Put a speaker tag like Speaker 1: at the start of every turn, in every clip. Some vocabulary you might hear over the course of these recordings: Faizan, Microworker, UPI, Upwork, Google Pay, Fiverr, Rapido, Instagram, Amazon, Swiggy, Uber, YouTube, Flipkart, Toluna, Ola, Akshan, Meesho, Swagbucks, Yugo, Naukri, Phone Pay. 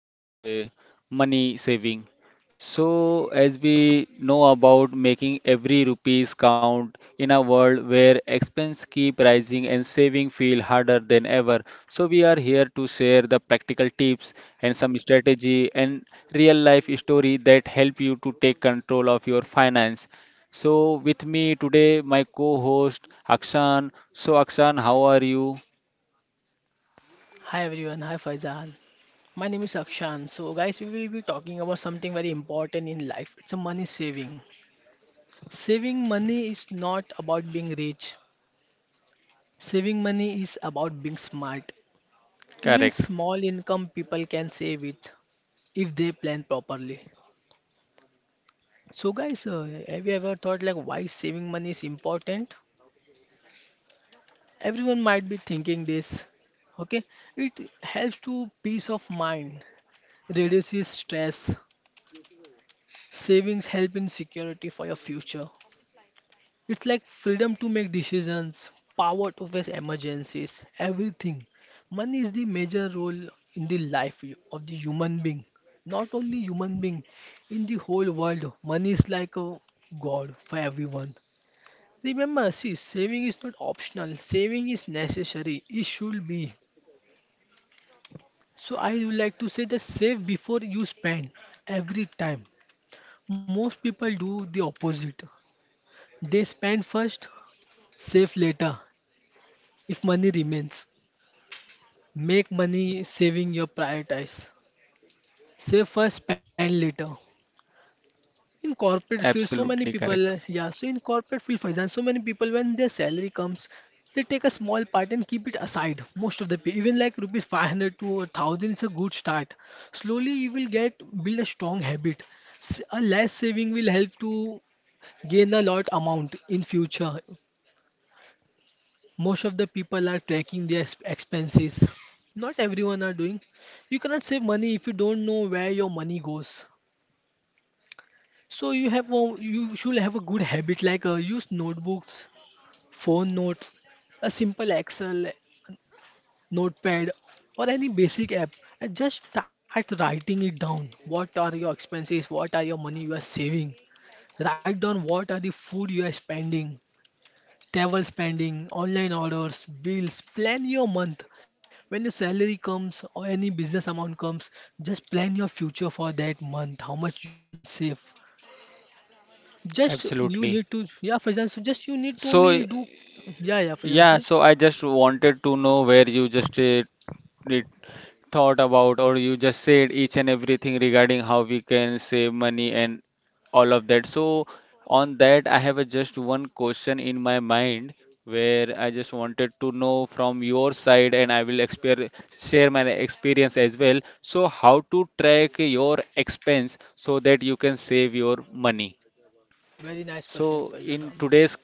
Speaker 1: that is, money saving. So as we know about making every rupees count in a world where expense keep rising and saving feel harder than ever. So we are here to share the practical tips and some strategy and real life story that help you to take control of your finance. So with me today, my co host Akshan. So, Akshan, how are you?
Speaker 2: Hi everyone, hi Faizan. My name is Akshan. So, guys, we will be talking about something very important in life. It's a money saving. Saving money is not about being rich, saving money is about being smart. Even
Speaker 1: Correct.
Speaker 2: small income people can save it if they plan properly. So, guys, have you ever thought like why saving money is important? Everyone might be thinking this. Okay, it helps to peace of mind, reduces stress, savings help in security for your future. It's like freedom to make decisions, power to face emergencies, everything. Money is the major role in the life of the human being. Not only human being, in the whole world, money is like a god for everyone. Remember, see, saving is not optional. Saving is necessary. It should be. So I would like to say that save before you spend every time. Most people do the opposite. They spend first, save later. If money remains, make money saving your prioritize. Save first, spend later. In corporate field, so many
Speaker 1: Absolutely
Speaker 2: people,
Speaker 1: correct.
Speaker 2: yeah, so in corporate field, for example, so many people when their salary comes, they take a small part and keep it aside. Most of the pay, even like rupees 500 to 1,000 is a good start. Slowly you will get build a strong habit. A less saving will help to gain a lot amount in future. Most of the people are tracking their expenses. Not everyone are doing. You cannot save money if you don't know where your money goes. So you should have a good habit like use notebooks, phone notes, a simple Excel notepad or any basic app and just start writing it down. What are your expenses? What are your money you are saving? Write down what are the food you are spending, travel spending, online orders, bills, plan your month. When your salary comes or any business amount comes, just plan your future for that month, how much you can save. Just you need
Speaker 1: Absolutely.
Speaker 2: to, yeah, Faizan, so just you need to
Speaker 1: So,
Speaker 2: only do, yeah, yeah, Faizan,
Speaker 1: yeah,
Speaker 2: see?
Speaker 1: so I just wanted to know where you just did thought about, or you just said each and everything regarding how we can save money and all of that. So on that, I have a just one question in my mind where I just wanted to know from your side, and I will exper share my experience as well. So how to track your expense so that you can save your money?
Speaker 2: Very nice question,
Speaker 1: So
Speaker 2: Faizan,
Speaker 1: in today's
Speaker 2: amazing.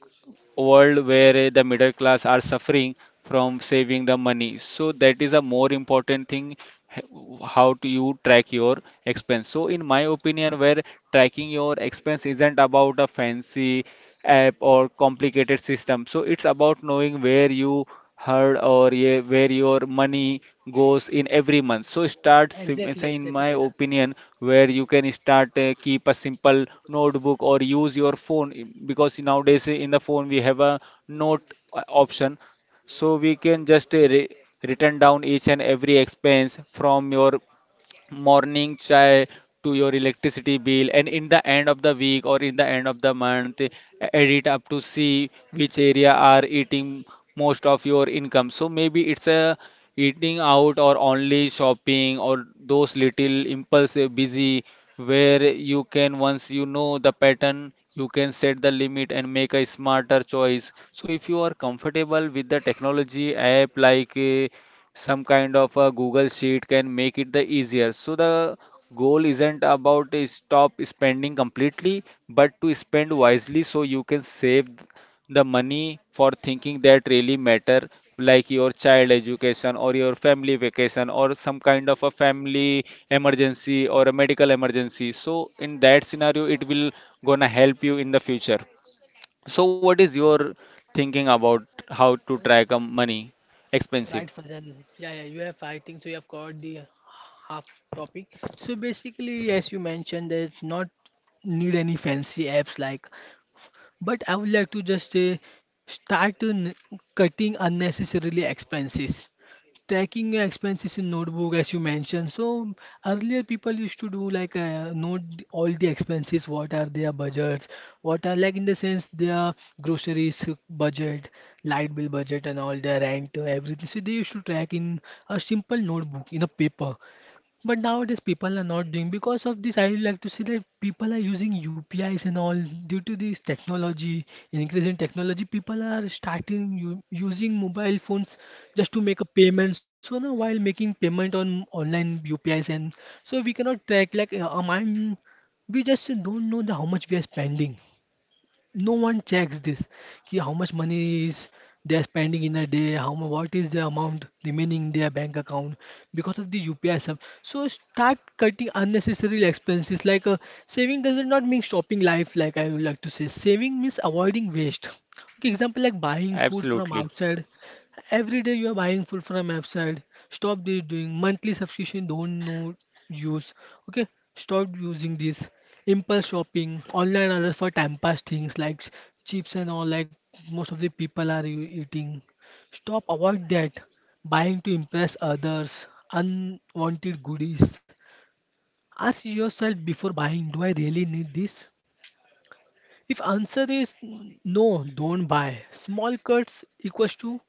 Speaker 1: world where the middle class are suffering from saving the money. So that is a more important thing. How do you track your expense? So in my opinion, where tracking your expense isn't about a fancy app or complicated system, so it's about knowing where you where your money goes in every month. So
Speaker 2: Exactly,
Speaker 1: say in
Speaker 2: exactly,
Speaker 1: my
Speaker 2: Faizan.
Speaker 1: opinion, where you can start, keep a simple notebook or use your phone, because nowadays in the phone we have a note option. So we can just written down each and every expense from your morning chai to your electricity bill, and in the end of the week or in the end of the month, edit up to see which area are eating most of your income. So maybe it's a eating out or only shopping or those little impulsive busy, where you can, once you know the pattern, you can set the limit and make a smarter choice. So if you are comfortable with the technology app, like, some kind of a Google Sheet, can make it the easier. So the goal isn't about to stop spending completely, but to spend wisely, so you can save the money for thinking that really matter, like your child education or your family vacation or some kind of a family emergency or a medical emergency. So in that scenario, it will gonna help you in the future. So what is your thinking about how to track money
Speaker 2: Right,
Speaker 1: expensive?
Speaker 2: Faizan. Yeah, yeah, you have fighting, so you have covered the half topic. So basically, as you mentioned, there's not need any fancy apps like. But I would like to just say start n- cutting unnecessarily expenses. Tracking your expenses in notebook, as you mentioned. So earlier people used to do like note all the expenses, what are their budgets, what are like in the sense their groceries budget, light bill budget, and all their rent, everything. So they used to track in a simple notebook in a paper. But nowadays people are not doing because of this. I would like to say that people are using UPIs and all due to this technology, increase in technology. People are starting u using mobile phones just to make a payment. So now while making payment on online UPIs and so we cannot track like we just don't know the how much we are spending, no one checks this कि how much money is they are spending in a day, how what is the amount remaining in their bank account because of the UPI stuff. So start cutting unnecessary expenses like saving does not mean shopping life. Like I would like to say saving means avoiding waste. Okay, example like buying food from
Speaker 1: Absolutely.
Speaker 2: outside. Every day you are buying food from outside. Stop this doing monthly subscription. Don't know use. Okay, stop using this impulse shopping, online orders for time pass things like chips and all. Like most of the people are eating. Stop avoid that. Buying to impress others, unwanted goodies. Ask yourself before buying. Do I really need this? If answer is no, don't buy. Small cuts equals to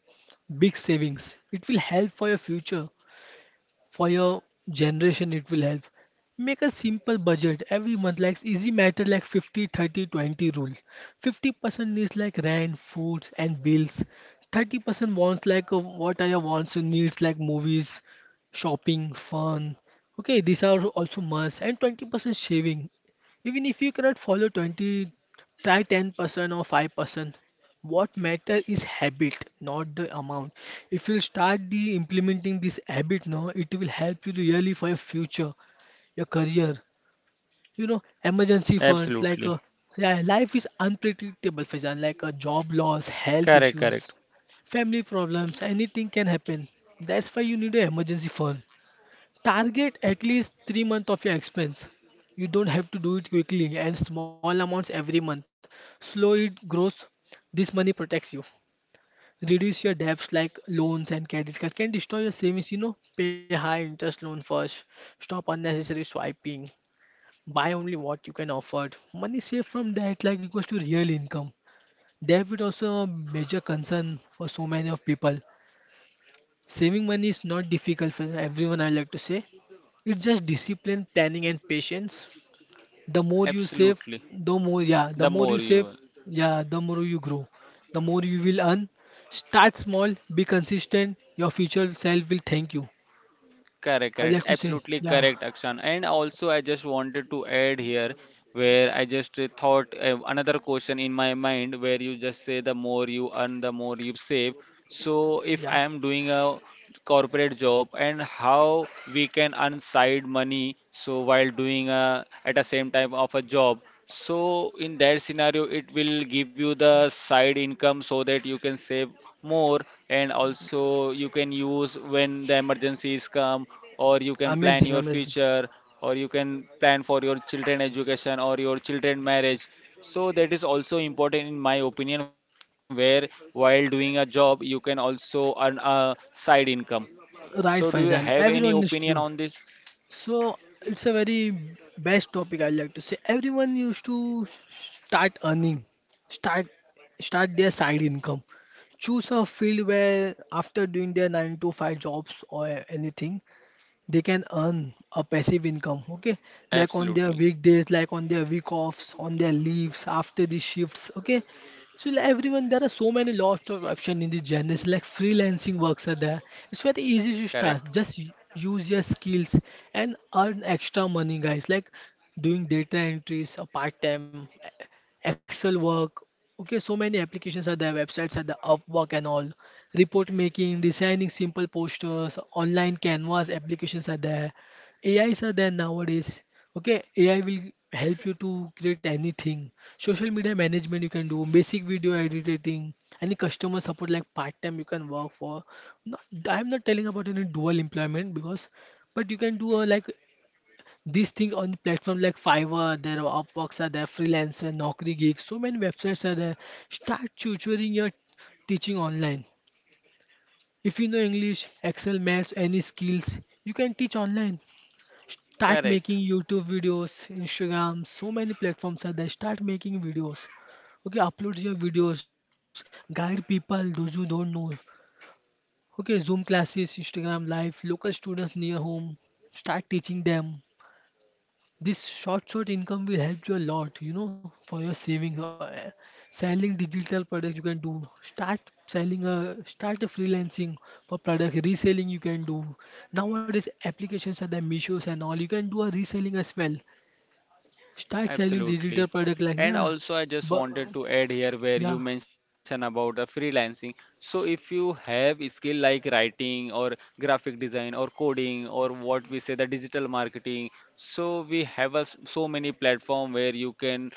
Speaker 2: big savings. It will help for your future, for your generation it will help. Make a simple budget every month like easy matter, like 50 30 20 rule. 50% is like rent, foods and bills. 30% wants, like what are your wants and needs like movies, shopping, fun. Okay, these are also must, and 20% saving. Even if you cannot follow 20, try 10% or 5%. What matter is habit, not the amount. If you start the implementing this habit now, it will help you really for your future, your career. You know, emergency funds like
Speaker 1: Absolutely.
Speaker 2: yeah, life is unpredictable, for example, like a job loss, health
Speaker 1: Correct,
Speaker 2: issues,
Speaker 1: correct.
Speaker 2: family problems, anything can happen. That's why you need an emergency fund. Target at least 3 months of your expense. You don't have to do it quickly and small amounts every month. Slow it grows. This money protects you, reduce your debts like loans and credit card can destroy your savings, you know. Pay high interest loan first, stop unnecessary swiping, buy only what you can afford. Money saved from that like equals to real income. Debt is also a major concern for so many of people. Saving money is not difficult for everyone, I like to say. It's just discipline, planning and patience. The more you save,
Speaker 1: Absolutely.
Speaker 2: the more, yeah,
Speaker 1: The
Speaker 2: the more
Speaker 1: more
Speaker 2: you save,
Speaker 1: you
Speaker 2: yeah, the more you grow, the more you will earn. Start small, be consistent, your future self will thank you.
Speaker 1: correct,
Speaker 2: I'd
Speaker 1: correct.
Speaker 2: like to say
Speaker 1: Absolutely
Speaker 2: yeah,
Speaker 1: correct, Akshan. And also, I just wanted to add here, where I just thought another question in my mind, where you just say the more you earn, the more you save. So if
Speaker 2: yeah.
Speaker 1: I am doing a corporate job, and how we can earn side money so while doing a, at the same time of a job, so in that scenario it will give you the side income so that you can save more, and also you can use when the emergencies come, or you can plan
Speaker 2: Amazing,
Speaker 1: your
Speaker 2: amazing.
Speaker 1: future, or you can plan for your children education or your children marriage. So that is also important in my opinion, where while doing a job you can also earn a side income. So do you
Speaker 2: Right,
Speaker 1: have
Speaker 2: Faizan,
Speaker 1: any opinion
Speaker 2: everyone needs
Speaker 1: on
Speaker 2: to do.
Speaker 1: this?
Speaker 2: So it's a very best topic, I like to say. Everyone used to start earning, start, start their side income. Choose a field where after doing their 9 to 5 jobs or anything they can earn a passive income. Okay, like on their
Speaker 1: Absolutely.
Speaker 2: weekdays, like on their week offs, on their leaves after the shifts. Okay, so like everyone, there are so many lots of options in this journey. So, like freelancing works are there. It's very easy to start.
Speaker 1: Correct.
Speaker 2: Just use your skills and earn extra money, guys. Like doing data entries, a part-time, Excel work. Okay, so many applications are there, websites are there, Upwork and all. Report making, designing simple posters, online canvas applications are there. AIs are there nowadays. Okay, AI will help you to create anything. Social media management you can do, basic video editing, any customer support like part time you can work for. Not, I'm not telling about any dual employment because, but you can do a, like these things on platform like Fiverr. There are Upworks are there, freelancer, Naukri gigs. So many websites are there. Start tutoring your Teaching online. If you know English, Excel, Maths, any skills, you can teach online. Start
Speaker 1: Correct.
Speaker 2: making YouTube videos, Instagram, so many platforms are there. Start making videos. Okay, upload your videos, guide people, those who don't know. Okay, Zoom classes, Instagram live, local students near home. Start teaching them. This short income will help you a lot, you know, for your savings. Selling digital products you can do. Start a freelancing for product reselling you can do. Nowadays applications are the Mishos and all. You can do a reselling as well. Start selling digital
Speaker 1: Absolutely.
Speaker 2: product like
Speaker 1: And
Speaker 2: yeah,
Speaker 1: also, I just
Speaker 2: but
Speaker 1: wanted to add here, where you
Speaker 2: yeah,
Speaker 1: mentioned about the freelancing. So if you have a skill like writing or graphic design or coding, or what we say, the digital marketing, so we have a s so many platform where you can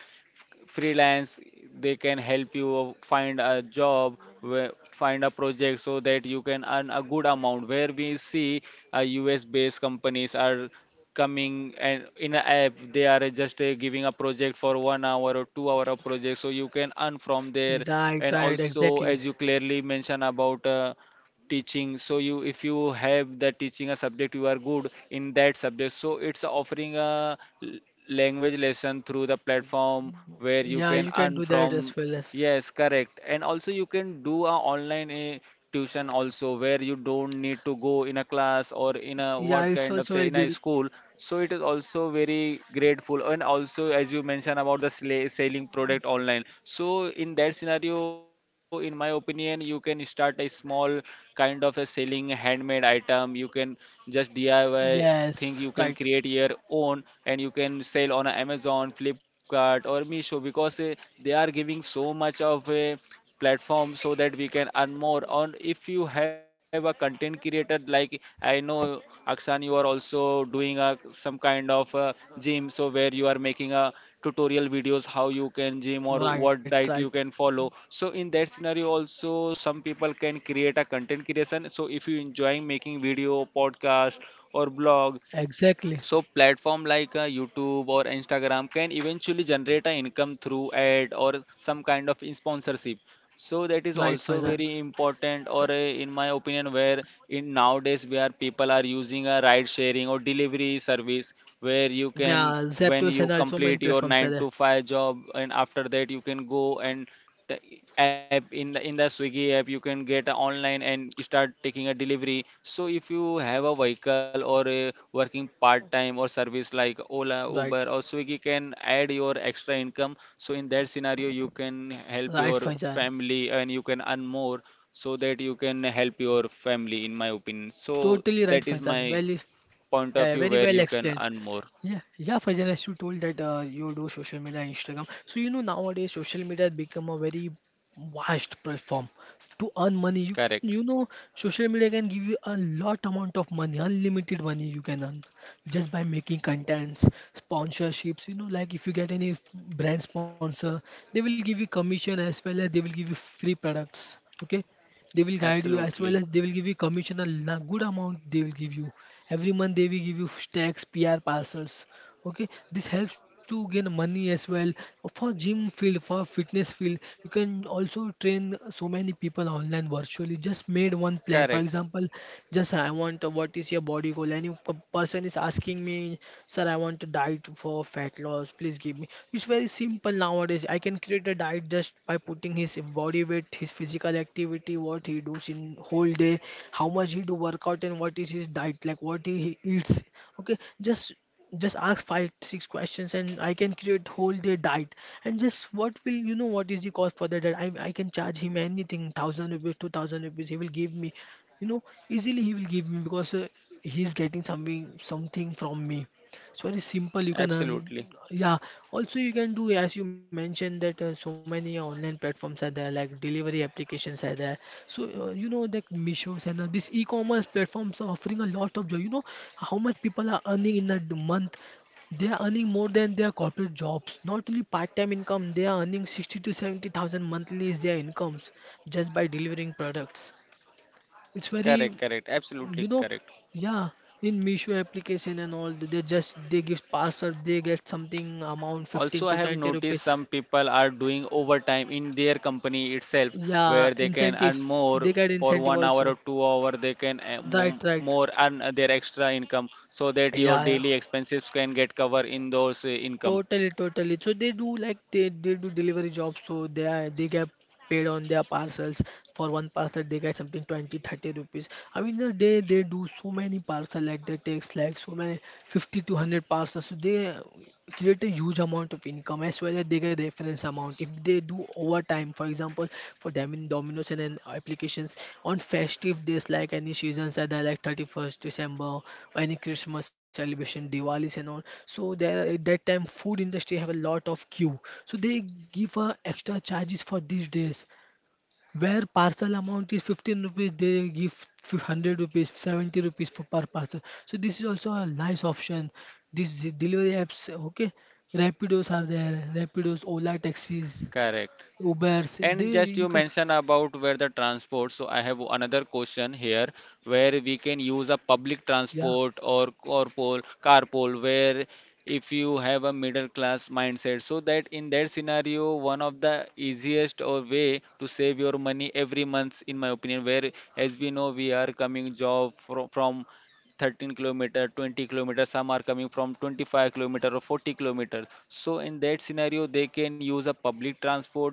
Speaker 1: freelance. They can help you find a job find a project, so that you can earn a good amount, where we see US based companies are coming, and in an app they are just giving a project for 1 hour or 2 hour of project, so you can earn from there.
Speaker 2: right,
Speaker 1: And
Speaker 2: right,
Speaker 1: also,
Speaker 2: exactly.
Speaker 1: as you clearly mentioned about teaching, so you, if you have the teaching a subject, you are good in that subject, so it's offering a l- language lesson through the platform where you
Speaker 2: Yeah,
Speaker 1: can
Speaker 2: you can
Speaker 1: earn
Speaker 2: do that
Speaker 1: from.
Speaker 2: as well as
Speaker 1: Yes, correct. And also you can do a online, tuition also, where you don't need to go in a class or in a
Speaker 2: yeah,
Speaker 1: what
Speaker 2: it's
Speaker 1: kind of
Speaker 2: also
Speaker 1: say
Speaker 2: very
Speaker 1: in a
Speaker 2: good.
Speaker 1: school. So it is also very grateful. And also, as you mentioned about the selling product online, so in that scenario in my opinion, you can start a small kind of a selling handmade item. You can just DIY thing, you can
Speaker 2: Yes,
Speaker 1: create
Speaker 2: right,
Speaker 1: your own, and you can sell on Amazon, Flipkart or Meesho, because they are giving so much of a platform so that we can earn more. Or if you have a content creator, like, I know, Akshan, you are also doing a some kind of a gym, so where you are making a tutorial videos how you can gym or
Speaker 2: right,
Speaker 1: what
Speaker 2: right,
Speaker 1: diet you can follow. So in that scenario also, some people can create a content creation. So if you enjoying making video podcast or blog,
Speaker 2: exactly,
Speaker 1: so platform like, YouTube or Instagram can eventually generate an income through ad or some kind of sponsorship. So that is
Speaker 2: right,
Speaker 1: also
Speaker 2: Faizan.
Speaker 1: very important. Or in my opinion, where in nowadays where people are using a ride sharing or delivery service, where you can,
Speaker 2: Yeah,
Speaker 1: when
Speaker 2: Zeptos
Speaker 1: you
Speaker 2: and also main
Speaker 1: complete your
Speaker 2: platforms are
Speaker 1: nine
Speaker 2: there.
Speaker 1: to five job, and after that you can go and the app, in the Swiggy app, you can get a online and start taking a delivery. So if you have a vehicle or a working part time or service like Ola, Uber
Speaker 2: Right,
Speaker 1: or Swiggy, can add your extra income. So in that scenario, you can help
Speaker 2: right,
Speaker 1: your
Speaker 2: Faizan.
Speaker 1: family, and you can earn more, so that you can help your family in my opinion. So
Speaker 2: Totally right,
Speaker 1: that is my
Speaker 2: Faizan. Well, yeah,
Speaker 1: point of
Speaker 2: yeah,
Speaker 1: view
Speaker 2: very
Speaker 1: where
Speaker 2: well
Speaker 1: you can
Speaker 2: explained.
Speaker 1: earn more.
Speaker 2: Yeah, yeah, Faizan, as you told that you do social media, Instagram. So you know nowadays social media has become a very vast platform to earn money. You can,
Speaker 1: Correct.
Speaker 2: you know, social media can give you a lot amount of money, unlimited money you can earn just by making contents, sponsorships. You know, like if you get any brand sponsor, they will give you commission as well as they will give you free products. Okay, they will guide you as well
Speaker 1: Absolutely
Speaker 2: as they will give you commission good amount they will give you every month. They will give you stacks pr parcels. Okay, this helps to gain money as well. For gym field, for fitness field, you can also train so many people online virtually. Just made one
Speaker 1: correct.
Speaker 2: plan. For example, just I want, what is your body goal? And person is asking me, sir, I want a diet for fat loss, please give me. It's very simple. Nowadays I can create a diet just by putting his body weight, his physical activity, what he does in whole day, how much he do workout, and what is his diet, like what he eats. Okay, just ask five six questions and I can create whole day diet. And just what will, you know, what is the cost for the diet? I can charge him anything, thousand rupees, 2,000 rupees, he will give me, you know, easily he will give me because he is getting something from me. It's very simple. You can earn,
Speaker 1: Absolutely
Speaker 2: yeah. Also, you can do as you mentioned that so many online platforms are there, like delivery applications are there. So you know that Mishos and these e-commerce platforms are offering a lot of job. You know how much people are earning in a month. They are earning more than their corporate jobs. Not only part-time income, they are earning 60 to 70,000 monthly is their incomes just by delivering products. It's very,
Speaker 1: correct. Correct.
Speaker 2: you
Speaker 1: Absolutely
Speaker 2: know,
Speaker 1: correct.
Speaker 2: yeah, in Meesho application and all, they give parcel, they get something amount 15
Speaker 1: Also, I
Speaker 2: to
Speaker 1: have
Speaker 2: 20
Speaker 1: noticed
Speaker 2: rupees.
Speaker 1: some people are doing overtime in their company itself,
Speaker 2: Yeah,
Speaker 1: where they can earn
Speaker 2: incentives,
Speaker 1: more
Speaker 2: they get
Speaker 1: for
Speaker 2: incentive
Speaker 1: 1 hour or
Speaker 2: also.
Speaker 1: 2 hour. They can,
Speaker 2: Right, right.
Speaker 1: more earn their extra income, so that your
Speaker 2: Yeah, yeah.
Speaker 1: daily expenses can get covered in those income.
Speaker 2: Totally, totally. So they do like they do delivery jobs, so they are, they get paid on their parcels. For one parcel, they get something 20-30 rupees. I mean, the day they do so many parcels, like they takes like so many 50 to 100 parcels. So they create a huge amount of income as well as they get references immense amount. If they do overtime, for example, for Domino's and then applications on festive days like any seasons that are like 31st December, any Christmas celebration, Diwalis and all. So there at that time food industry have a lot of queue. So they give extra charges for these days. Where parcel amount is 15 rupees, they give 100 rupees, 70 rupees for per parcel. So this is also a nice option. These delivery apps, okay, Rapidos are there, Rapidos, Ola taxis,
Speaker 1: Correct.
Speaker 2: Ubers.
Speaker 1: And
Speaker 2: They
Speaker 1: just
Speaker 2: you
Speaker 1: you
Speaker 2: can,
Speaker 1: mentioned about where the transport, so I have another question here, where we can use
Speaker 2: yeah,
Speaker 1: a public transport or carpool. Carpool, where if you have a middle class mindset, so that in that scenario, one of the easiest or way to save your money every month, in my opinion, where as we know we are coming job from 13 kilometer, 20 kilometer, some are coming from 25 kilometer or 40 kilometers. So in that scenario, they can use a public transport,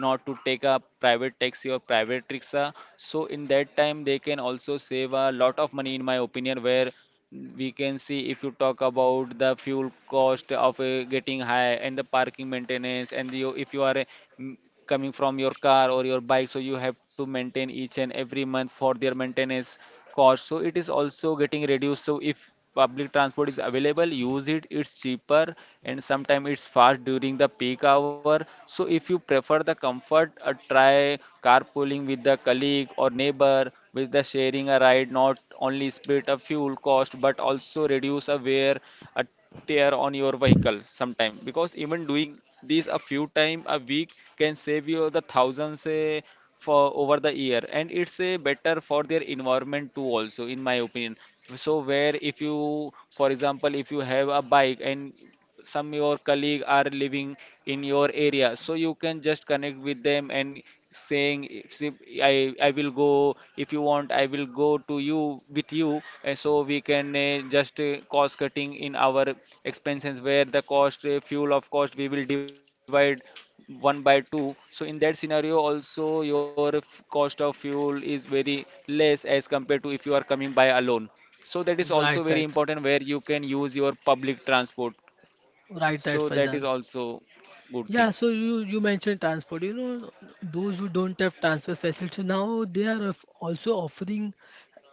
Speaker 1: not to take a private taxi or private rickshaw. So in that time, they can also save a lot of money in my opinion. Where we can see, if you talk about the fuel cost of getting high, and the parking maintenance, and you, if you are m- coming from your car or your bike, so you have to maintain each and every month for their maintenance cost. So it is also getting reduced. So if public transport is available, use it, it's cheaper, and sometimes it's fast during the peak hour. So if you prefer the comfort, try carpooling with the colleague or neighbor, with the sharing a ride, not only split a fuel cost but also reduce a wear uh, tear on your vehicle sometime. Because even doing this a few time a week can save you the thousands, for over the year, and it's a better for their environment too also in my opinion. So where if, you for example, if you have a bike, and some your colleague are living in your area, so you can just connect with them and saying, if i I will go, if you want I will go to you with you, and so we can, just cost cutting in our expenses, where the cost, fuel of cost we will divide one by two. So in that scenario also, your cost of fuel is very less as compared to if you are coming by alone. So that is also
Speaker 2: right,
Speaker 1: very
Speaker 2: right,
Speaker 1: important, where you can use your public transport.
Speaker 2: right, right,
Speaker 1: So that
Speaker 2: Faizan.
Speaker 1: is also good
Speaker 2: Yeah,
Speaker 1: thing.
Speaker 2: so you mentioned transport. You know, those who don't have transfer facility now they are also offering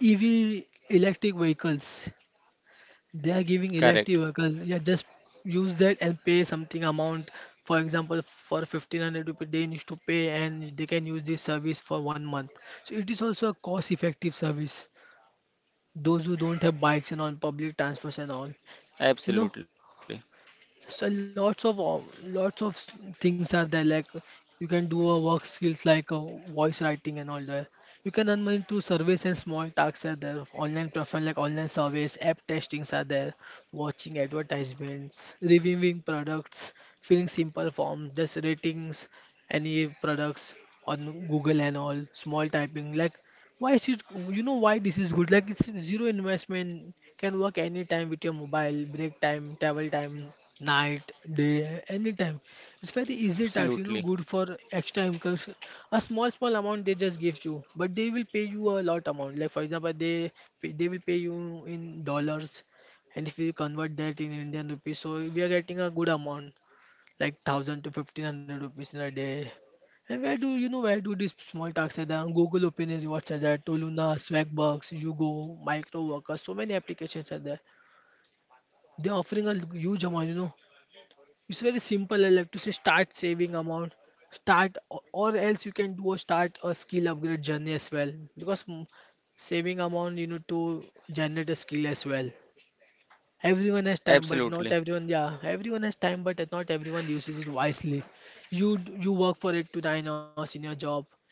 Speaker 2: EV electric vehicles. They are giving elective
Speaker 1: Correct.
Speaker 2: vehicle. Yeah, just use that and pay something amount. For example, for 1500 rupees they need to pay and they can use this service for one month. So it is also a cost effective service. Those who don't have bikes and on public transports and all. You know,
Speaker 1: Absolutely.
Speaker 2: so lots of things are there. Like you can do a work skills like voice writing and all that. You can earn money through surveys and small tasks are there. Online platform like online surveys, app testings are there. Watching advertisements, reviewing products, filling simple forms, just ratings, any products on Google and all. Small typing like why is it? You know why this is good? Like it's zero investment. Can work anytime with your mobile. Break time, travel time, night, day, anytime. It's very easy tax. You know,
Speaker 1: Absolutely.
Speaker 2: good for extra income. A small small amount they just give you, but they will pay you a lot amount. Like for example, they will pay you in dollars, and if we convert that in Indian rupees, so we are getting a good amount like 1,000 to 1,500 rupees in a day. And where do you know where do these small tasks are there on Google Opinions, what's are there, Toluna, Swagbucks, Yugo, Microworker, so many applications are there. They're offering a huge amount, you know. It's very simple, I like to say start saving amount, start or else you can do a start a skill upgrade journey as well. Because saving amount, you know, to generate a skill as well. Everyone has time, but not
Speaker 1: Absolutely.
Speaker 2: everyone. Yeah, everyone has time, but not everyone uses it wisely. You work for it to 9 hours in your job.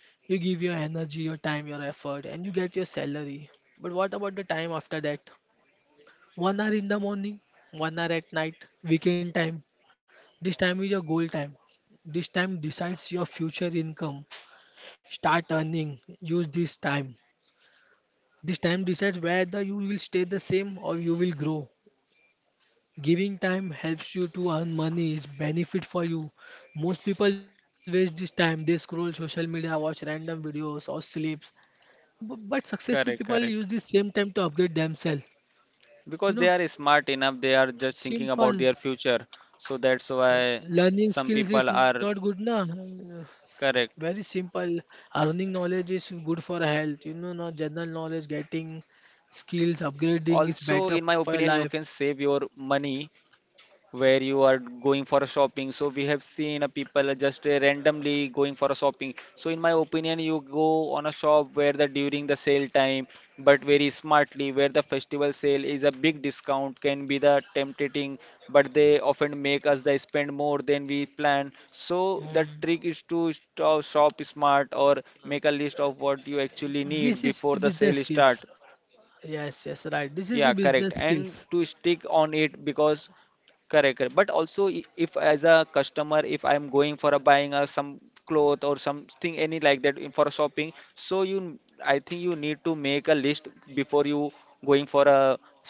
Speaker 2: You give your energy, your time, your effort, and you get your salary. But what about the time after that? One hour in the morning, one hour at night, weekend time. This time is your goal time. This time decides your future income. Start earning. Use this time. This time decides whether you will stay the same or you will grow. Giving time helps you to earn money, it's benefit for you. Most people waste this time. They scroll social media, watch random videos, or sleeps. But successful people
Speaker 1: Correct.
Speaker 2: use this
Speaker 1: Correct.
Speaker 2: same time to upgrade themselves. You
Speaker 1: Because
Speaker 2: know,
Speaker 1: they are smart enough, they are just thinking about
Speaker 2: simple.
Speaker 1: their future. So that's why
Speaker 2: Learning
Speaker 1: some
Speaker 2: skills
Speaker 1: people
Speaker 2: is not
Speaker 1: are
Speaker 2: good, na. Very
Speaker 1: correct.
Speaker 2: simple. Earning knowledge is good for health. You know, not general knowledge. Getting skills,
Speaker 1: Also, in my
Speaker 2: upgrading is
Speaker 1: opinion, you
Speaker 2: better
Speaker 1: can
Speaker 2: for your
Speaker 1: save
Speaker 2: life.
Speaker 1: your money where you are going for a shopping. So we have seen a people just randomly going for a shopping. So in my opinion, you go on a shop where the during the sale time, but very smartly, where the festival sale is a big discount can be the tempting, but they often make us they spend more than we plan. So the
Speaker 2: Um,
Speaker 1: trick is to stop, shop smart, or make a list of what you actually
Speaker 2: this
Speaker 1: need
Speaker 2: is the
Speaker 1: before the
Speaker 2: business
Speaker 1: sale
Speaker 2: skills.
Speaker 1: start. Yeah,
Speaker 2: Yes,
Speaker 1: correct.
Speaker 2: yes, right. This
Speaker 1: And
Speaker 2: is the
Speaker 1: to
Speaker 2: business
Speaker 1: stick on
Speaker 2: skills.
Speaker 1: it because correct, correct. But also, if as a customer, if I'm going for a buying a some cloth or something any like that for shopping, so I think you need to make a list before you going for a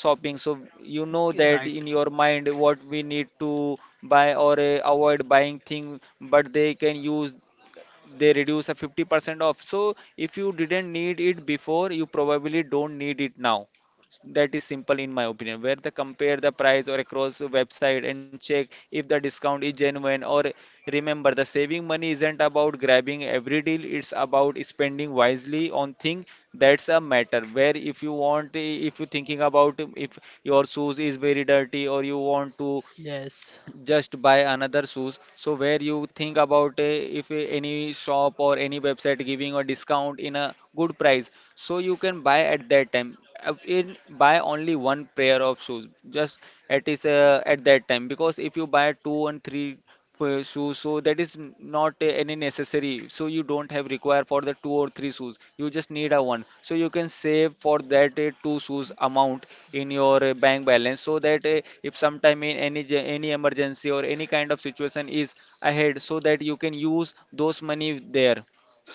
Speaker 1: shopping. So you know
Speaker 2: Okay,
Speaker 1: that
Speaker 2: right.
Speaker 1: in your mind what we need to buy or avoid buying thing, but they can use they reduce a 50% off. So if you didn't need it before, you probably don't need it now. That is simple, in my opinion, where they compare the price or across the website and check if the discount is genuine or remember the saving money isn't about grabbing every deal, it's about spending wisely on thing. That's a matter where, if you want, if you're thinking about, if your shoes is very dirty or you want to
Speaker 2: Yes.
Speaker 1: just buy another shoes, so where you think about if any shop or any website giving a discount in a good price, so you can buy at that time. In Buy only one pair of shoes, just at that time, because if you buy two and three for shoes, so that is not any necessary. So you don't have require for the two or three shoes, you just need a one. So you can save for that two shoes amount in your bank balance, so that if sometime in any any emergency or any kind of situation is ahead, so that you can use those money there.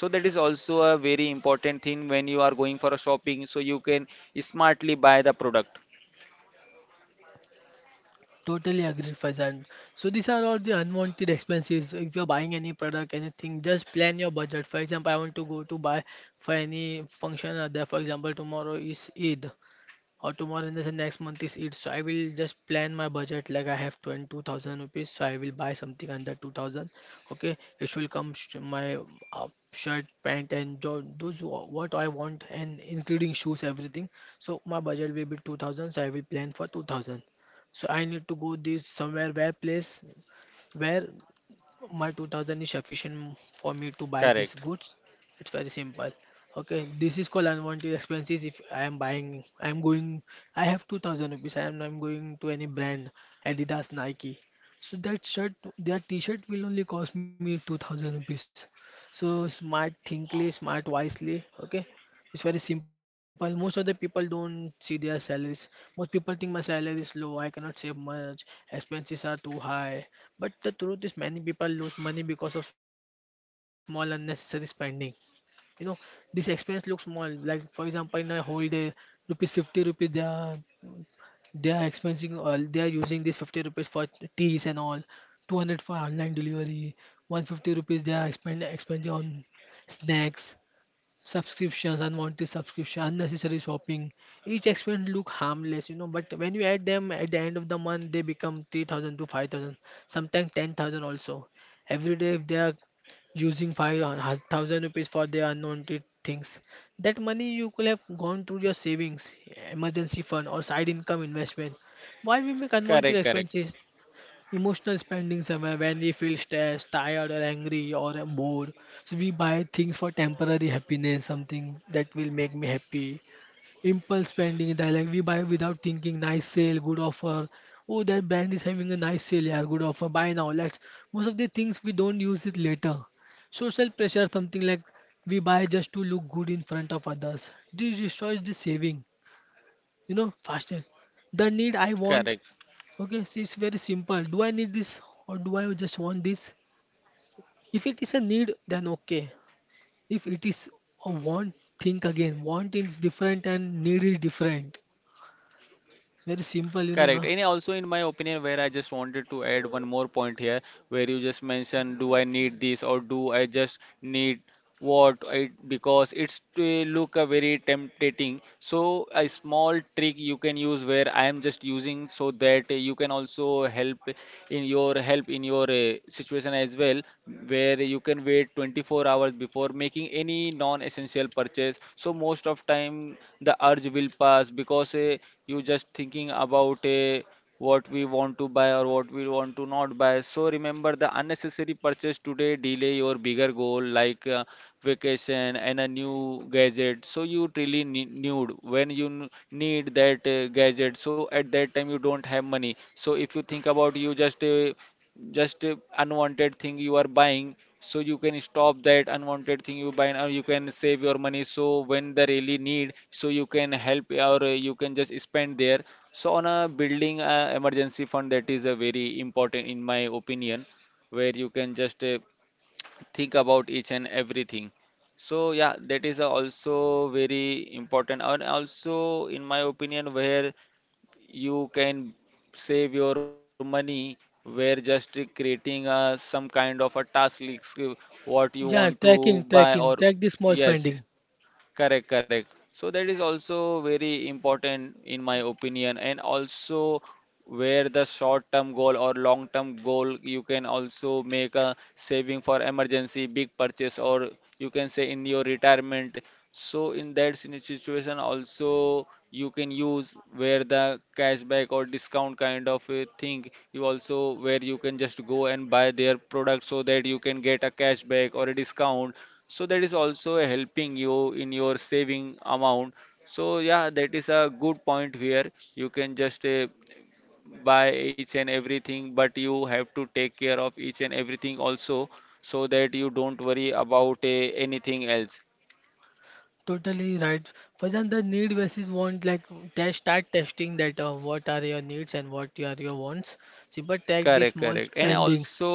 Speaker 1: So that is also a very important thing. When you are going for a shopping, so you can smartly buy the product.
Speaker 2: Totally agree, Faizan. So these are all the unwanted expenses. If you're buying any product, anything, just plan your budget. For example, I want to go to buy for any function or there. For example, tomorrow is Eid, or tomorrow and the next month is it. So I will just plan my budget like I have 22,000 rupees. So I will buy something under 2000. Okay, it will come sh my, uh, shirt, pant, and jo those what I want, and including shoes, everything. So my budget will be 2000. So I will plan for 2000. So I need to go this somewhere where place where my 2000 is sufficient for me to buy these
Speaker 1: Correct.
Speaker 2: goods. It's very simple. Okay, this is called unwanted expenses. If I am buying, I am going, I have 2000 rupees, I'm going to any brand, Adidas, Nike, so that shirt, that t-shirt will only cost me 2000 rupees. So smart thinkly smart wisely, okay. It's very simple. Most of the people don't see their salaries. Most people think my salary is low, I cannot save much, expenses are too high. But the truth is, many people lose money because of small unnecessary spending. You know, this expense looks small. Like for example, in a whole day, rupees 50 rupees they are expensing all. They are using this 50 rupees for teas and all, 200 for online delivery, 150 rupees they are expending on snacks, subscriptions, unwanted subscription, unnecessary shopping. Each expense look harmless, you know, but when you add them at the end of the month, they become 3,000 to 5,000, sometimes 10,000 also. Every day, if they are using 5,000 rupees for their unwanted things, that money you could have gone through your savings, emergency fund, or side income investment. Why we make
Speaker 1: Correct,
Speaker 2: unwanted
Speaker 1: correct,
Speaker 2: expenses? Emotional spendings are when we feel stressed, tired, or angry, or bored. So we buy things for temporary happiness, something that will make me happy. Impulse spending, is that like we buy without thinking, nice sale, good offer. Oh, that brand is having a nice sale, yeah, good offer, buy now. Let's. Most of the things we don't use it later. Social pressure, something like we buy just to look good in front of others. This destroys the saving, you know, faster. The need I want.
Speaker 1: correct.
Speaker 2: Okay, so it's very simple. Do I need this or do I just want this? If it is a need, then okay. If it is a want, think again. Want is different and need is different. It's very simple, you know,
Speaker 1: Correct.
Speaker 2: na.
Speaker 1: And also, in my opinion, where I just wanted to add one more point here, where you just mentioned, do I need this or do I just need what it, because it's to look a very tempting. So a small trick you can use, where I am just using, so that you can also help in your situation as well, where you can wait 24 hours before making any non-essential purchase. So most of time the urge will pass because you just thinking about what we want to buy or what we want to not buy. So remember, the unnecessary purchase today delay your bigger goal like vacation and a new gadget. So you really need, when you need that gadget, so at that time you don't have money. So if you think about, you just unwanted thing you are buying, so you can stop that unwanted thing you buy now. You can save your money, so when the really need, so you can help or you can just spend there so on a building emergency fund. That is a very important, in my opinion, where you can just think about each and everything. So yeah, that is also very important. And also, in my opinion, where you can save your money, where just creating some kind of a task list, what you want
Speaker 2: Yeah,
Speaker 1: to
Speaker 2: tracking,
Speaker 1: buy, or
Speaker 2: tracking, track the small
Speaker 1: yes,
Speaker 2: spending.
Speaker 1: correct, correct. So that is also very important, in my opinion. And also, where the short-term goal or long-term goal, you can also make a saving for emergency, big purchase, or you can say in your retirement. So in that situation also you can use, where the cashback or discount kind of a thing you also, where you can just go and buy their product so that you can get a cashback or a discount. So that is also helping you in your saving amount. So yeah, that is a good point, where you can just buy each and everything, but you have to take care of each and everything also, so that you don't worry about anything else.
Speaker 2: Totally right. For example, the need versus want, like test, start testing that what are your needs and what are your wants. Simple,
Speaker 1: Correct,
Speaker 2: track the
Speaker 1: correct.
Speaker 2: small
Speaker 1: And
Speaker 2: spending,
Speaker 1: also,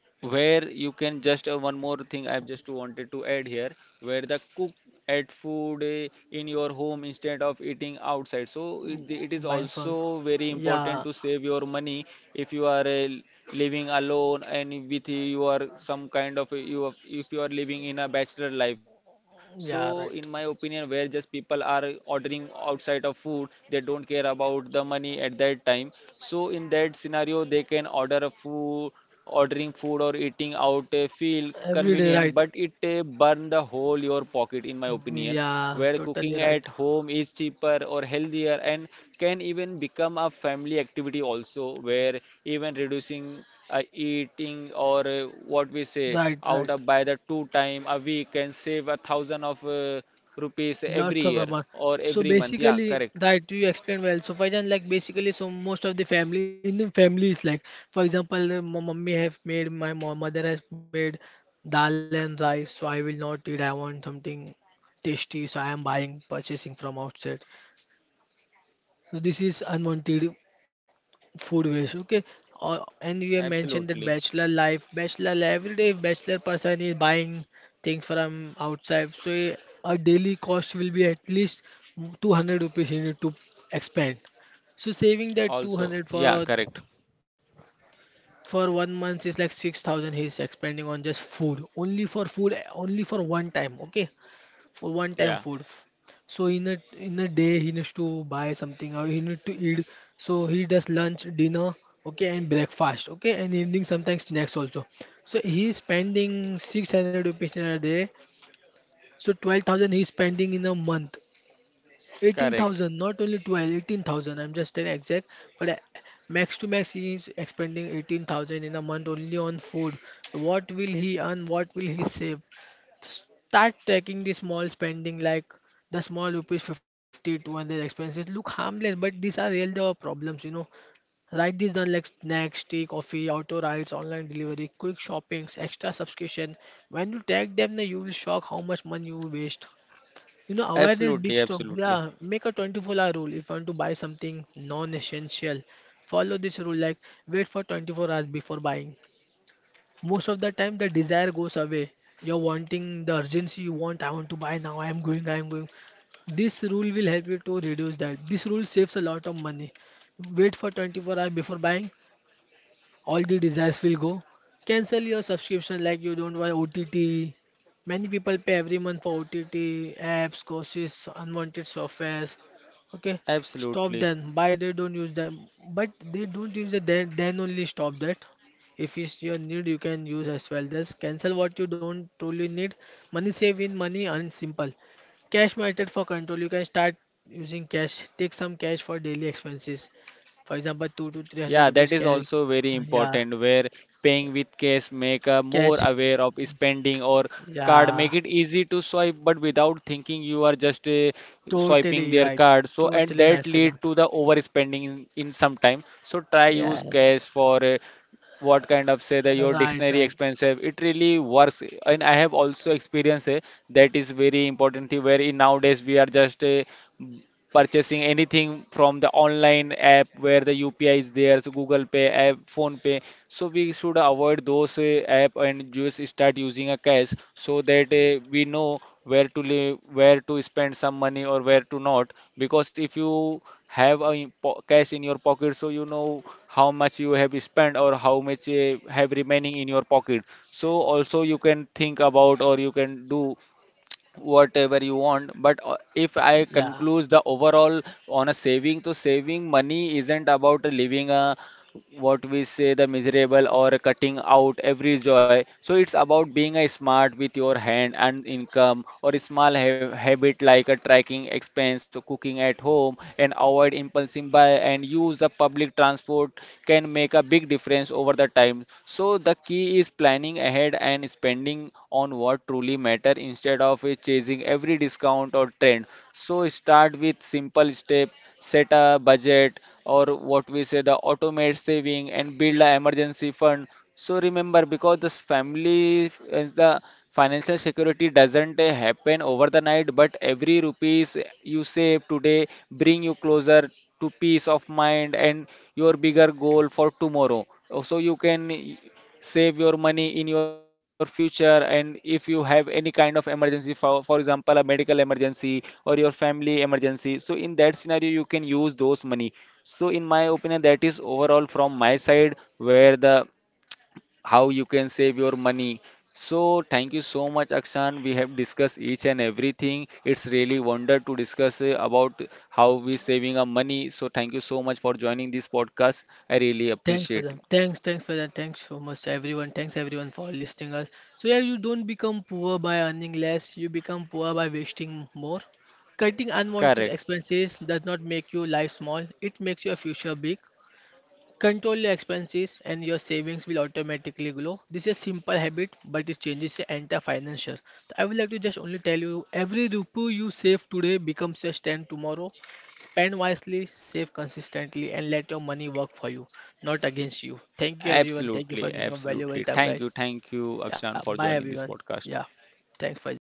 Speaker 1: where you can just one more thing I've just wanted to add here, where the cook at food in your home instead of eating outside. So it
Speaker 2: buying
Speaker 1: is
Speaker 2: phone.
Speaker 1: also very
Speaker 2: Yeah,
Speaker 1: important to save your money if you are living alone and with you are some kind of if you are living in a bachelor life. So in
Speaker 2: yeah,
Speaker 1: my
Speaker 2: right.
Speaker 1: opinion, where just people are ordering outside of food, they don't care about the money at that time. So in that scenario, they can order a food, ordering food or eating out feel
Speaker 2: Every day,
Speaker 1: convenient,
Speaker 2: right?
Speaker 1: but it burn the whole your pocket, in my opinion.
Speaker 2: Yeah,
Speaker 1: Where
Speaker 2: totally
Speaker 1: cooking
Speaker 2: right.
Speaker 1: at home is cheaper or healthier and can even become a family activity also, where even reducing eating or what we say
Speaker 2: Right,
Speaker 1: out
Speaker 2: right.
Speaker 1: of by the two time a week can save a thousand of rupees
Speaker 2: Lots
Speaker 1: every
Speaker 2: of amount.
Speaker 1: year or
Speaker 2: So
Speaker 1: every month. Yeah,
Speaker 2: basically,
Speaker 1: correct.
Speaker 2: that you explained well. So for example, like basically, so most of the family in the family is like, for example, my mummy have made, mother has made dal and rice. So I will not eat. I want something tasty. So I am buying, purchasing from outside. So this is unwanted, food waste, okay. And you have mentioned that
Speaker 1: Absolutely.
Speaker 2: bachelor life, every day bachelor person is buying things from outside, so a daily cost will be at least 200 rupees you need to expend. So saving that
Speaker 1: Also,
Speaker 2: 200
Speaker 1: yeah,
Speaker 2: for
Speaker 1: correct.
Speaker 2: one month is like 6,000. He is expending on just food, only for one time, okay, for one time
Speaker 1: Yeah,
Speaker 2: food. So in a day he needs to buy something or he need to eat. So he does lunch, dinner, okay, and breakfast, okay, and evening sometimes snacks also. So he is spending 600 rupees in a day. So 12,000 he is spending in a month.
Speaker 1: correct.
Speaker 2: 18,000, not only 12, 18,000. I'm just an exact, but max to max he is expending 18,000 in a month only on food. So what will he earn? What will he save? Start tracking the small spending like the small rupees 50 to 100 expenses look harmless, but these are real the problems, you know. Write this down like snacks, tea, coffee, auto rides, online delivery, quick shoppings, extra subscription. When you tag them, then you will shock how much money you waste. You know, awareness big
Speaker 1: Absolutely,
Speaker 2: strong.
Speaker 1: absolutely,
Speaker 2: Yeah, make a 24-hour rule. If you want to buy something non-essential, follow this rule like wait for 24 hours before buying. Most of the time the desire goes away. You're wanting the urgency you want, I want to buy now, I am going, I am going. This rule will help you to reduce that. This rule saves a lot of money. Wait for 24 hours before buying, all the desires will go. Cancel your subscription like you don't want OTT. Many people pay every month for OTT, apps, courses, unwanted softwares. Okay, stop
Speaker 1: absolutely.
Speaker 2: them. Buy they don't use them, but they don't use it. Then only stop that. If it's your need, you can use as well. Just cancel what you don't truly need. Money save in money and simple. Cash method for control. You can start using cash. Take some cash for daily expenses. For example, two to three
Speaker 1: Yeah,
Speaker 2: hundred
Speaker 1: that
Speaker 2: rupees
Speaker 1: is
Speaker 2: cash,
Speaker 1: also very
Speaker 2: yeah,
Speaker 1: important, where paying with cash make a more
Speaker 2: cash.
Speaker 1: aware of spending, or card
Speaker 2: Yeah,
Speaker 1: make it easy to swipe, but without thinking you are just swiping
Speaker 2: totally
Speaker 1: their
Speaker 2: right.
Speaker 1: card. So and
Speaker 2: Totally
Speaker 1: that
Speaker 2: right,
Speaker 1: lead
Speaker 2: Faizan.
Speaker 1: to the overspending in some time. So try use
Speaker 2: Yeah,
Speaker 1: cash for what kind of say that your
Speaker 2: right,
Speaker 1: dictionary
Speaker 2: right.
Speaker 1: expensive. It really works and I have also experienced that is very important thing, where in nowadays we are just purchasing anything from the online app where the UPI is there, so Google Pay app, Phone Pay. So we should avoid those app and just start using a cash, so that we know where to live, where to spend some money or where to not. Because if you have a cash in your pocket, so you know how much you have spent or how much have remaining in your pocket. So also you can think about or you can do whatever you want, but if I
Speaker 2: Yeah.
Speaker 1: conclude the overall on a saving, so saving money isn't about living a, what we say, the miserable or cutting out every joy. So it's about being a smart with your hand and income, or a small habit like a tracking expense, cooking at home, and avoid impulsive buy, and use the public transport, can make a big difference over the time. So the key is planning ahead and spending on what truly matter, instead of chasing every discount or trend. So start with simple step, set a budget or, what we say, the automate saving, and build a emergency fund. So remember, because this family is the financial security doesn't happen over the night, but every rupees you save today bring you closer to peace of mind and your bigger goal for tomorrow. Oh, so you can save your money in your future, and if you have any kind of emergency, for example, a medical emergency or your family emergency, so in that scenario you can use those money. So in my opinion, that is overall from my side, where the how you can save your money. So thank you so much, Akshan. We have discussed each and everything. It's really wonder to discuss about how we saving our money. So thank you so much for joining this podcast. I really
Speaker 2: Thanks,
Speaker 1: appreciate.
Speaker 2: Faizan. Thanks, thanks, Faizan. Thanks so much to everyone. Thanks everyone for listening us. So yeah, you don't become poor by earning less. You become poor by wasting more. Cutting unwanted
Speaker 1: Correct.
Speaker 2: expenses does not make your life small. It makes your future big. Control your expenses and your savings will automatically grow. This is a simple habit, but it changes the entire financial. So I would like to just only tell you every rupee you save today becomes your stand tomorrow. Spend wisely, save consistently, and let your money work for you, not against you. Thank you, everyone. Thank you for
Speaker 1: Absolutely,
Speaker 2: giving up valuable
Speaker 1: absolutely.
Speaker 2: time, guys.
Speaker 1: Thank you,
Speaker 2: Yeah,
Speaker 1: Akshan,
Speaker 2: bye,
Speaker 1: for joining
Speaker 2: everyone.
Speaker 1: this
Speaker 2: Yeah,
Speaker 1: podcast.
Speaker 2: thanks, Faizan.